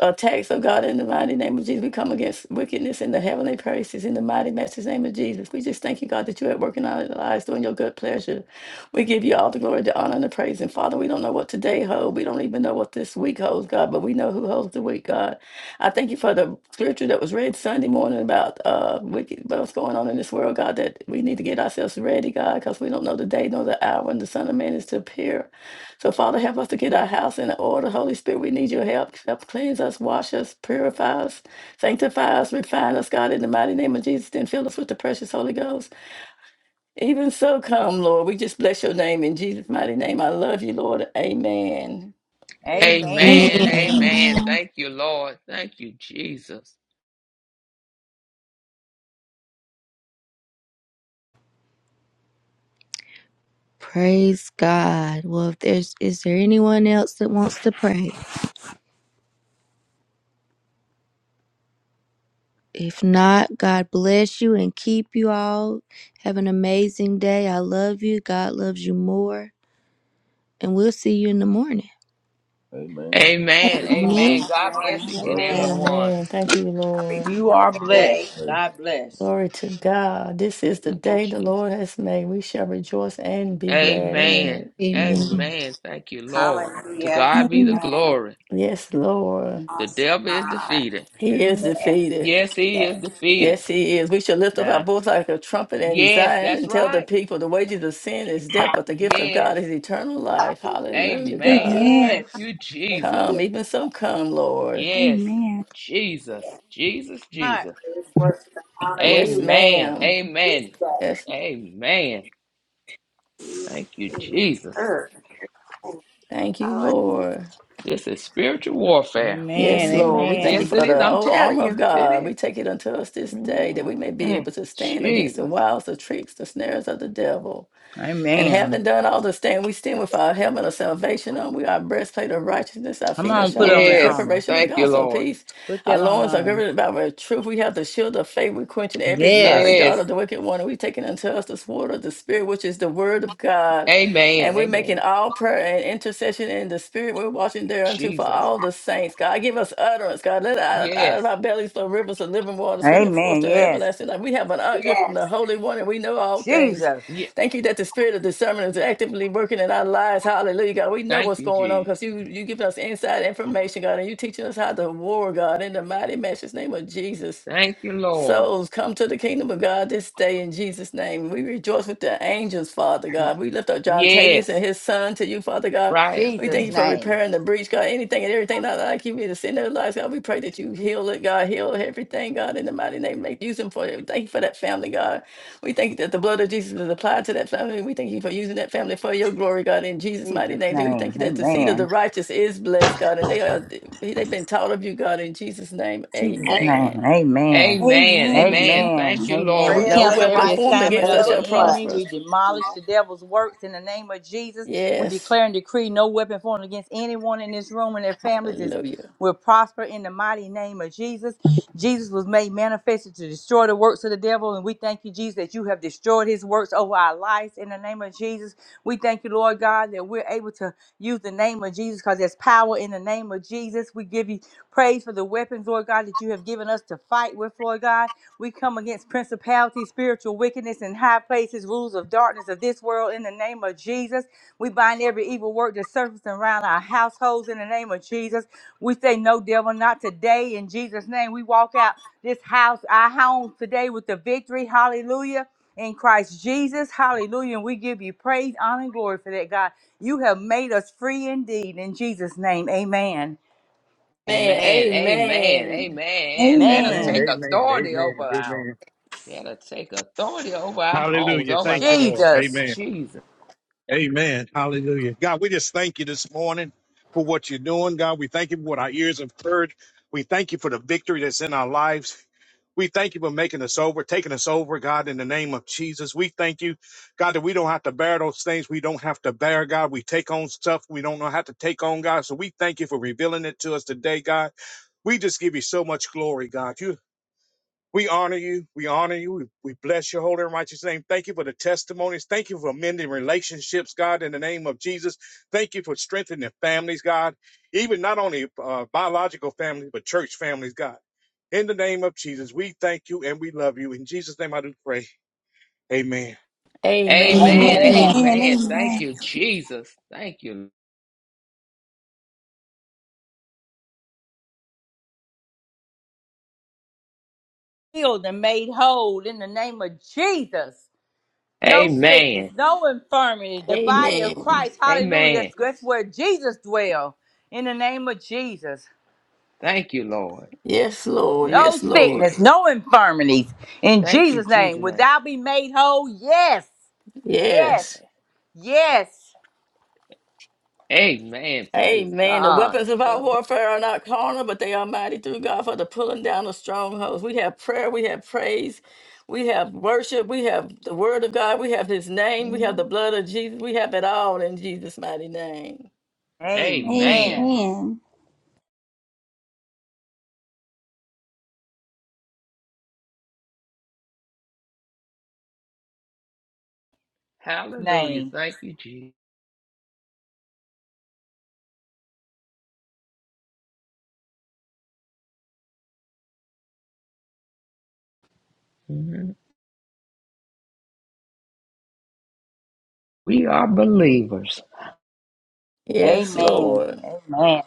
C: attacks of God in the mighty name of Jesus. We come against wickedness in the heavenly places in the mighty master's name of Jesus. We just thank you, God, that you're at work in our lives doing your good pleasure. We give you all the glory, the honor, and the praise. And Father, we don't know what today holds. We don't even know what this week holds, God, but we know who holds the week, God. I thank you for the scripture that was read Sunday morning about uh wicked, what's going on in this world, God, that we need to get ourselves ready, God, because we don't know the day nor the hour when the Son of Man is to appear. So, Father, help us to get our house in order. Holy Spirit, we need your help. Help cleanse us, wash us, purify us, sanctify us, refine us, God, in the mighty name of Jesus, then fill us with the precious Holy Ghost. Even so, come, Lord. We just bless your name in Jesus' mighty name. I love you, Lord. Amen.
G: Amen.
F: Amen.
D: Amen.
F: Amen.
G: Amen.
D: Amen. Thank you, Lord. Thank you, Jesus.
A: Praise God. Well, if there's is there anyone else that wants to pray? If not, God bless you and keep you all. Have an amazing day. I love you. God loves you more. And we'll see you in the morning.
G: Amen. Love,
D: Amen.
E: Amen.
A: Amen.
D: Amen. God bless
E: Amen.
D: each and
G: love
D: every
G: God.
E: Amen.
D: one.
C: Amen. Thank you,
E: Have a
C: Lord.
F: You
E: have a
F: are
E: good
G: Bless.
E: day.
F: blessed.
G: Praise.
F: God bless.
C: Glory to God. This is the
D: Thank you,
C: day the
D: Jesus.
C: Lord has made. We shall rejoice and be glad in
D: Amen.
C: it.
A: Amen.
D: Amen. Thank you, Lord. To
E: Hallelujah.
D: God be the
E: Amen.
D: glory.
C: Yes, Lord.
D: The
E: Awesome.
D: devil is
E: God.
D: defeated.
C: He is
D: Mm.
E: Yes.
C: defeated.
D: Yes, he is
E: Yes.
D: defeated.
C: Yes, he is. We should lift up our
D: Now,
C: voice like a trumpet in
D: yes,
C: Zion
D: that's
C: and tell the
D: right.
C: people the wages of sin is death, but the gift of God
D: Yes.
C: is eternal life. Hallelujah,
D: Amen.
C: God.
B: Amen.
D: Thank
F: Yes.
D: you, Jesus.
C: Come, even so, come, Lord.
D: Yes.
B: Amen.
D: Jesus. Jesus,
F: God.
D: Jesus.
E: It's worth to honor
C: Yes,
E: you.
D: Amen.
C: ma'am.
E: This
D: Amen.
E: day.
C: Yes,
D: Amen. Thank you, Jesus.
E: Earth.
C: thank you,
E: Hallelujah.
C: Lord.
D: This is spiritual warfare.
F: Amen.
C: Yes,
D: Mm,
C: Lord. We thank you
D: yes,
F: Amen.
D: it
C: for
D: is.
C: the
D: I'm
C: whole
D: telling
C: armor of
D: you, it
C: God.
D: is.
C: We take it unto us this day that we may be
D: Mm-mm.
C: able to stand against the
D: Jesus.
C: wiles, the tricks, the snares of the devil. And
F: Amen.
C: having done all this stand, we stand with our helmet of salvation on. We our breastplate of righteousness. Our
F: Come
C: feet are
F: on, put
C: shod with
F: on
C: the
F: that
D: Yes.
F: armor.
C: preparation of the
D: Thank you,
C: gospel of
D: Lord.
C: peace.
F: Put
C: Our
F: that armor
C: loins are
F: on.
C: girded about with truth. We have the shield of faith. We're quenching every fiery
F: Yes.
C: dart
D: Yes.
C: of the wicked one. And we're taking unto us the sword of the spirit, which is the word of God. And
D: Amen.
C: we're making
D: Amen.
C: all prayer and intercession in the spirit. We're watching thereunto for
D: Jesus.
C: all the saints. God, give us utterance. God, let out, of, out
D: Yes.
C: of our bellies flow rivers of living water springing forth
F: Amen.
C: to
F: Yes.
C: everlasting life. We have an unction from the Holy One, and we know all things.
F: Jesus.
D: Yeah.
C: Thank you that the spirit of discernment is actively working in our lives. Hallelujah, God. We know
D: Thank
C: what's
D: you,
C: going on
D: Jesus.
C: because you you giving us inside information, God, and you teaching us how to war, God, in the mighty matchless name of Jesus.
D: Thank you, Lord.
C: Souls come to the kingdom of God this day in Jesus' name. We rejoice with the angels, Father God. We lift up John Tavius
D: Yes.
C: and his son to you, Father God.
D: Right.
C: We thank
F: Jesus'
C: you
D: Mm.
C: for
F: name.
C: repairing the breach, God. Anything and everything not like you, we to sin in their lives, God. We pray that you heal it, God. Heal everything, God, in the mighty name. Make use them for it. Thank you for that family, God. We thank you that the blood of Jesus is applied to that family. We thank you for using that family for your glory, God, in Jesus' mighty
F: Jesus'
C: name. We
F: name.
C: thank you that the seed of the
F: Amen.
C: righteous is blessed, God, and they are they've been taught of you, God, in Jesus' name.
F: Jesus'
E: Yes.
C: Amen.
F: name. Amen.
D: Amen.
B: Amen.
D: Amen.
F: Amen.
D: Thank you,
F: Amen. We
D: Lord.
E: Prayers
C: No
E: of the
F: cancel
D: Thank you,
C: weapon
D: Lord.
F: every
C: formed
E: righteous
F: assignment
C: against
F: of
C: us shall
E: availeth
F: the enemy.
E: much.
C: prosper.
F: We demolish the devil's works in the name of Jesus. We
C: Yes.
F: declare and decree no weapon formed against anyone in this room and their families is
C: Hallelujah.
F: will prosper in the mighty name of Jesus. Jesus was made manifested to destroy the works of the devil. And we thank you, Jesus, that you have destroyed his works over our lives in the name of Jesus. We thank you, Lord God, that we're able to use the name of Jesus because there's power in the name of Jesus. We give you praise for the weapons, Lord God, that you have given us to fight with, Lord God. We come against principalities, spiritual wickedness in high places, rules of darkness of this world in the name of Jesus. We bind every evil work that's surfacing around our households in the name of Jesus. We say, No, devil, not today. In Jesus' name, we walk out this house, our home today with the victory. Hallelujah. In Christ Jesus. Hallelujah. And we give you praise, honor, and glory for that, God. You have made us free indeed. In Jesus' name, amen.
C: Man,
D: Amen, amen,
C: amen.
D: amen. Let us
I: Amen.
F: Man,
D: take
B: Amen.
I: Amen.
D: authority over
I: Amen.
D: our,
I: Amen.
D: let us take authority over our homes,
I: Hallelujah.
D: over our
I: Thank you,
D: life.
I: Lord.
F: Jesus.
I: Amen.
D: Jesus.
I: Amen. Hallelujah. God, we just thank you this morning for what you're doing. God, we thank you for what our ears have heard. We thank you for the victory that's in our lives. We thank you for making us over, taking us over, God, in the name of Jesus. We thank you, God, that we don't have to bear those things we don't have to bear, God. We take on stuff we don't know how to take on, God. So we thank you for revealing it to us today, God. We just give you so much glory, God. You. We honor you. We honor you. We, we bless your holy and righteous name. Thank you for the testimonies. Thank you for mending relationships, God, in the name of Jesus. Thank you for strengthening families, God, even not only uh, biological families, but church families, God. In the name of Jesus, we thank you and we love you. In Jesus' name I do pray. Amen.
D: Amen,
C: Amen.
F: Amen.
B: Amen.
D: amen. Thank
B: Amen.
D: you, Jesus. Thank you.
F: healed and made whole in the name of Jesus. No sickness,
D: Amen,
F: no infirmity. The body of
C: Amen.
F: Christ, hallelujah.
D: amen.
F: That's, that's where Jesus dwells. In the name of Jesus.
D: Thank you, Lord.
C: Yes, Lord.
D: Thank
F: No
C: Yes,
D: you,
C: Lord.
F: sickness,
D: Jesus.
F: no infirmities. In
D: Thank you,
F: Jesus' name.
D: Jesus'
F: Would
D: name.
F: thou be made whole? Yes. Yes.
C: Yes.
F: Yes.
D: Amen. Praise
C: Amen. The
D: God.
C: weapons of our
D: Thank you.
C: warfare are not carnal, but they are mighty through God for the pulling down of strongholds. We have prayer, we have praise, we have worship, we have the word of God, we have his name, we have the
D: Mhm.
C: blood of Jesus, we have it all in Jesus' mighty name.
D: Amen.
F: Amen.
B: Amen. Amen.
D: Hallelujah.
F: Name.
D: Thank you, Jesus. Mhm. We are believers.
C: Yes,
F: Amen.
C: Lord.
F: Amen.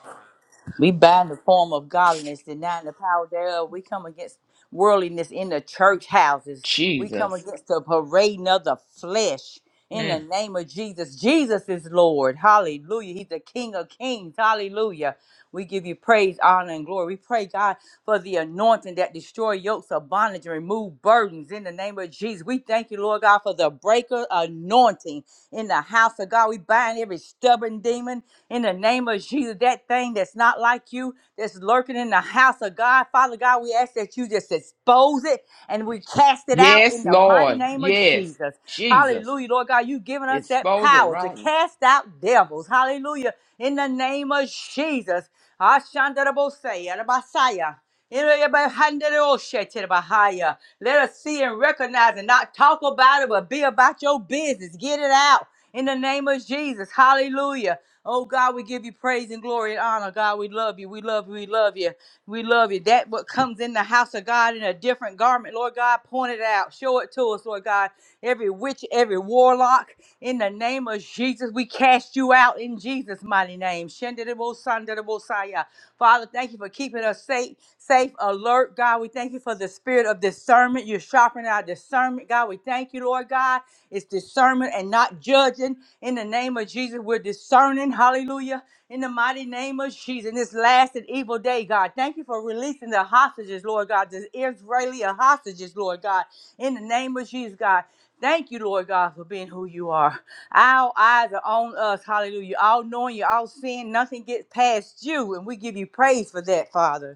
F: We bind the form of godliness, denying the power thereof. We come against worldliness in the church houses. We come
D: Jesus.
F: against the parading of the flesh. In
D: Mm.
F: the name of Jesus, Jesus is Lord. Hallelujah. He's the King of Kings. Hallelujah. We give you praise, honor, and glory. We pray, God, for the anointing that destroy yokes of bondage and remove burdens. In the name of Jesus, we thank you, Lord God, for the breaker anointing in the house of God. We bind every stubborn demon in the name of Jesus. That thing that's not like you, that's lurking in the house of God, Father God, we ask that you just expose it and we cast it out in
D: Yes,
F: the mighty
D: Lord.
F: name of
D: Yes,
F: Jesus.
D: Jesus.
F: Hallelujah, Lord God, you've given us that
D: Expose it
F: power to
D: right. now.
F: cast out devils. Hallelujah, in the name of Jesus. Ashandarabosei, arabasaya. Irebehanderoshetirabahaya. Let us see and recognize and not talk about it, but be about your business. Get it out in the name of Jesus. Hallelujah. Oh God, we give you praise and glory and honor. God, we love you. We love you. We love you. We love you. That what comes in the house of God in a different garment, Lord God, point it out. Show it to us, Lord God. Every witch, every warlock, in the name of Jesus, we cast you out in Jesus' mighty name. Shandarabosandarabosia. Father, thank you for keeping us safe, safe, alert. God, we thank you for the spirit of discernment. You're sharpening our discernment. God, we thank you, Lord God. It's discernment and not judging. In the name of Jesus, we're discerning. Hallelujah. In the mighty name of Jesus, in this last and evil day, God, thank you for releasing the hostages, Lord God, the Israeli hostages, Lord God. In the name of Jesus, God. Thank you, Lord God, for being who you are. Our eyes are on us. Hallelujah. All knowing you, all seeing, nothing gets past you. And we give you praise for that, Father.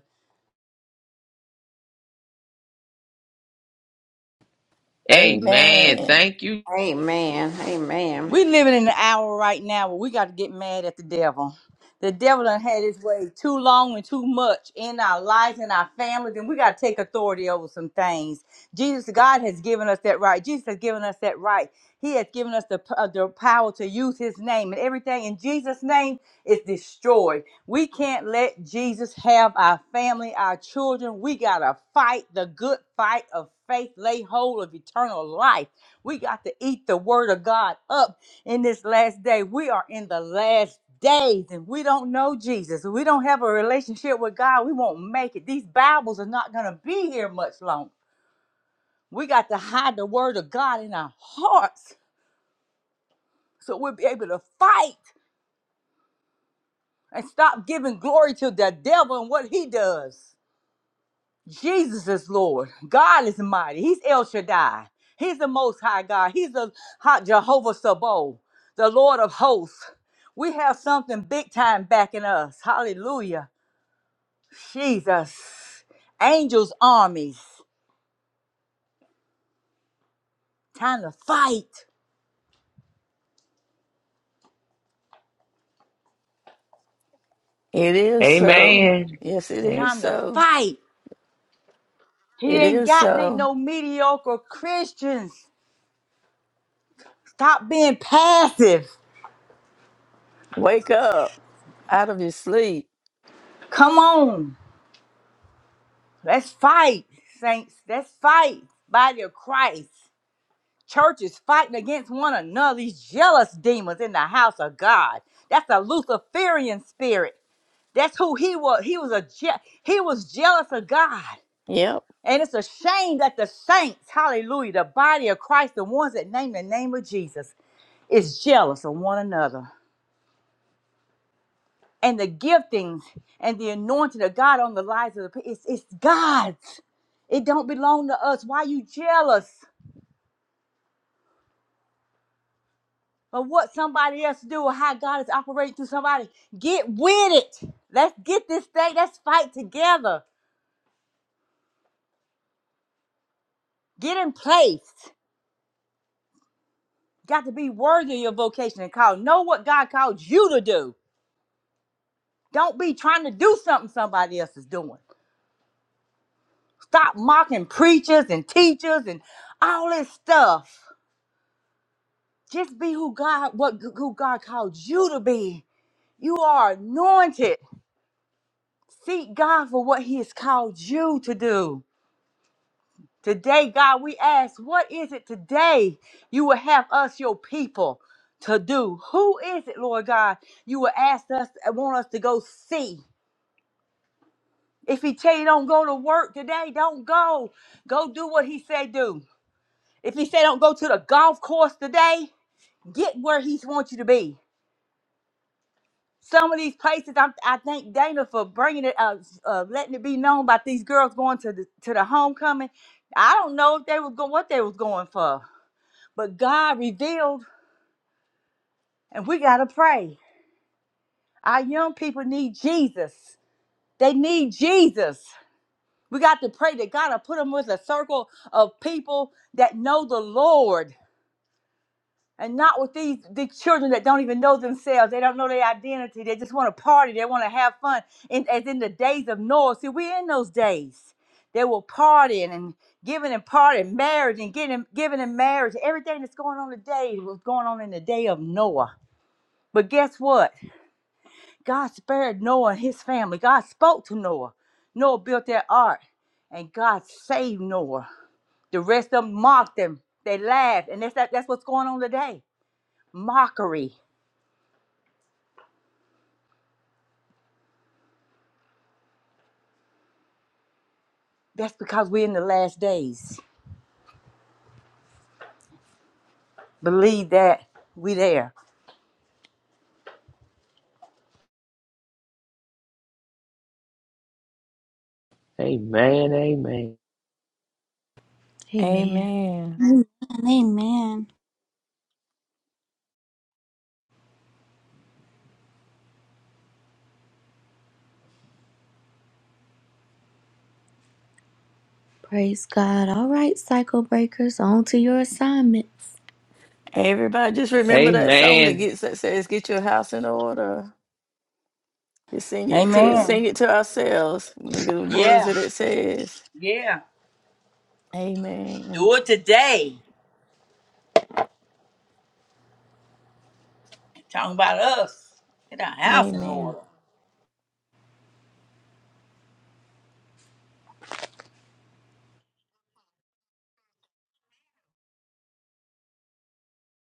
D: Amen.
C: Amen.
D: Thank you.
E: Amen. Amen.
F: We living in an hour right now where we got to get mad at the devil. The devil done had his way too long and too much in our lives and our families, and we got to take authority over some things. Jesus, God has given us that right. Jesus has given us that right. He has given us the, p- uh, the power to use his name, and everything in Jesus' name is destroyed. We can't let Jesus have our family, our children. We got to fight the good fight of faith, lay hold of eternal life. We got to eat the word of God up in this last day. We are in the last days and we don't know Jesus. We don't have a relationship with God. We won't make it. These Bibles are not going to be here much longer. We got to hide the word of God in our hearts so we'll be able to fight and stop giving glory to the devil and what he does. Jesus is Lord. God is mighty. He's El Shaddai. He's the Most High God. He's the high Jehovah Sabaoth, the Lord of hosts. We have something big time backing us. Hallelujah. Jesus. Angels, armies. Time to fight.
C: It is so.
D: Amen.
C: Yes, it
F: It's
D: Amen.
C: is
F: time to
C: so.
F: fight. He
C: It
F: ain't
C: is
F: got ain't
C: so.
F: no mediocre Christians. Stop being passive.
C: Wake up out of your sleep.
F: Come on. Let's fight, saints. Let's fight. Body of Christ. Churches fighting against one another, these jealous demons in the house of God. That's a Luciferian spirit. That's who he was. He was a je- he was jealous of God.
C: Yep.
F: And it's a shame that the saints, hallelujah, the body of Christ, the ones that name the name of Jesus, is jealous of one another. And the giftings and the anointing of God on the lives of the people, it's, it's God's. It don't belong to us. Why you jealous? of what somebody else do or how God is operating through somebody. Get with it. Let's get this thing. Let's fight together. Get in place. Got to be worthy of your vocation and call. Know what God called you to do. Don't be trying to do something somebody else is doing. Stop mocking preachers and teachers and all this stuff. Just be who God what who God called you to be. You are anointed. Seek God for what He has called you to do. Today, God, we ask, what is it today you will have us, your people, to do? Who is it, Lord God, you will ask us, uh, want us to go see? If he tell you don't go to work today, don't go. Go do what he say do. If he say don't go to the golf course today, get where he wants you to be. Some of these places, I, I thank Dana for bringing it, uh, uh, letting it be known about these girls going to the to the homecoming. I don't know if they was go, what they was going for but God revealed, and we got to pray. Our young people need Jesus. They need Jesus. We got to pray that God will put them with a circle of people that know the Lord and not with these, these children that don't even know themselves. They don't know their identity. They just want to party. They want to have fun. And as in the days of Noah, see, we're in those days. They were partying and giving and partying, marriage and getting giving and marriage. Everything that's going on today was going on in the day of Noah. But guess what? God spared Noah and his family. God spoke to Noah. Noah built that ark, and God saved Noah. The rest of them mocked him. They laughed, and that's that, that's what's going on today. Mockery. That's because we're in the last days. Believe that we there.
D: Amen.
A: Amen.
C: Amen.
B: Amen. Amen.
A: Praise God. All right, cycle breakers, on to your assignment.
C: Everybody, just remember that song that
D: Amen.
C: gets that says, "Get your house in order." Just sing it to
F: Amen.
C: sing it to ourselves. Look at the words
F: Yeah,
C: that it says.
F: yeah.
C: Amen.
F: Do it today. Talking about us. Get our house in
C: Amen.
F: order.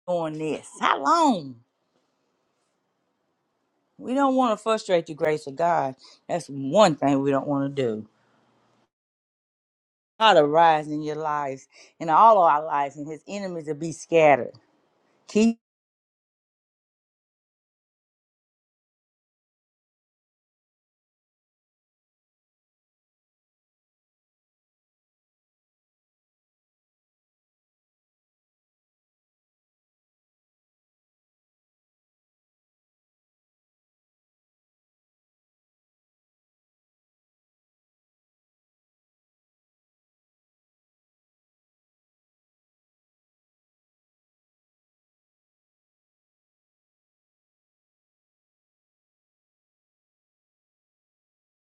F: Doing this. How long? We don't want to frustrate the grace of God. That's one thing we don't want to do. God arise in your lives and all of our lives, and his enemies will be scattered. Keep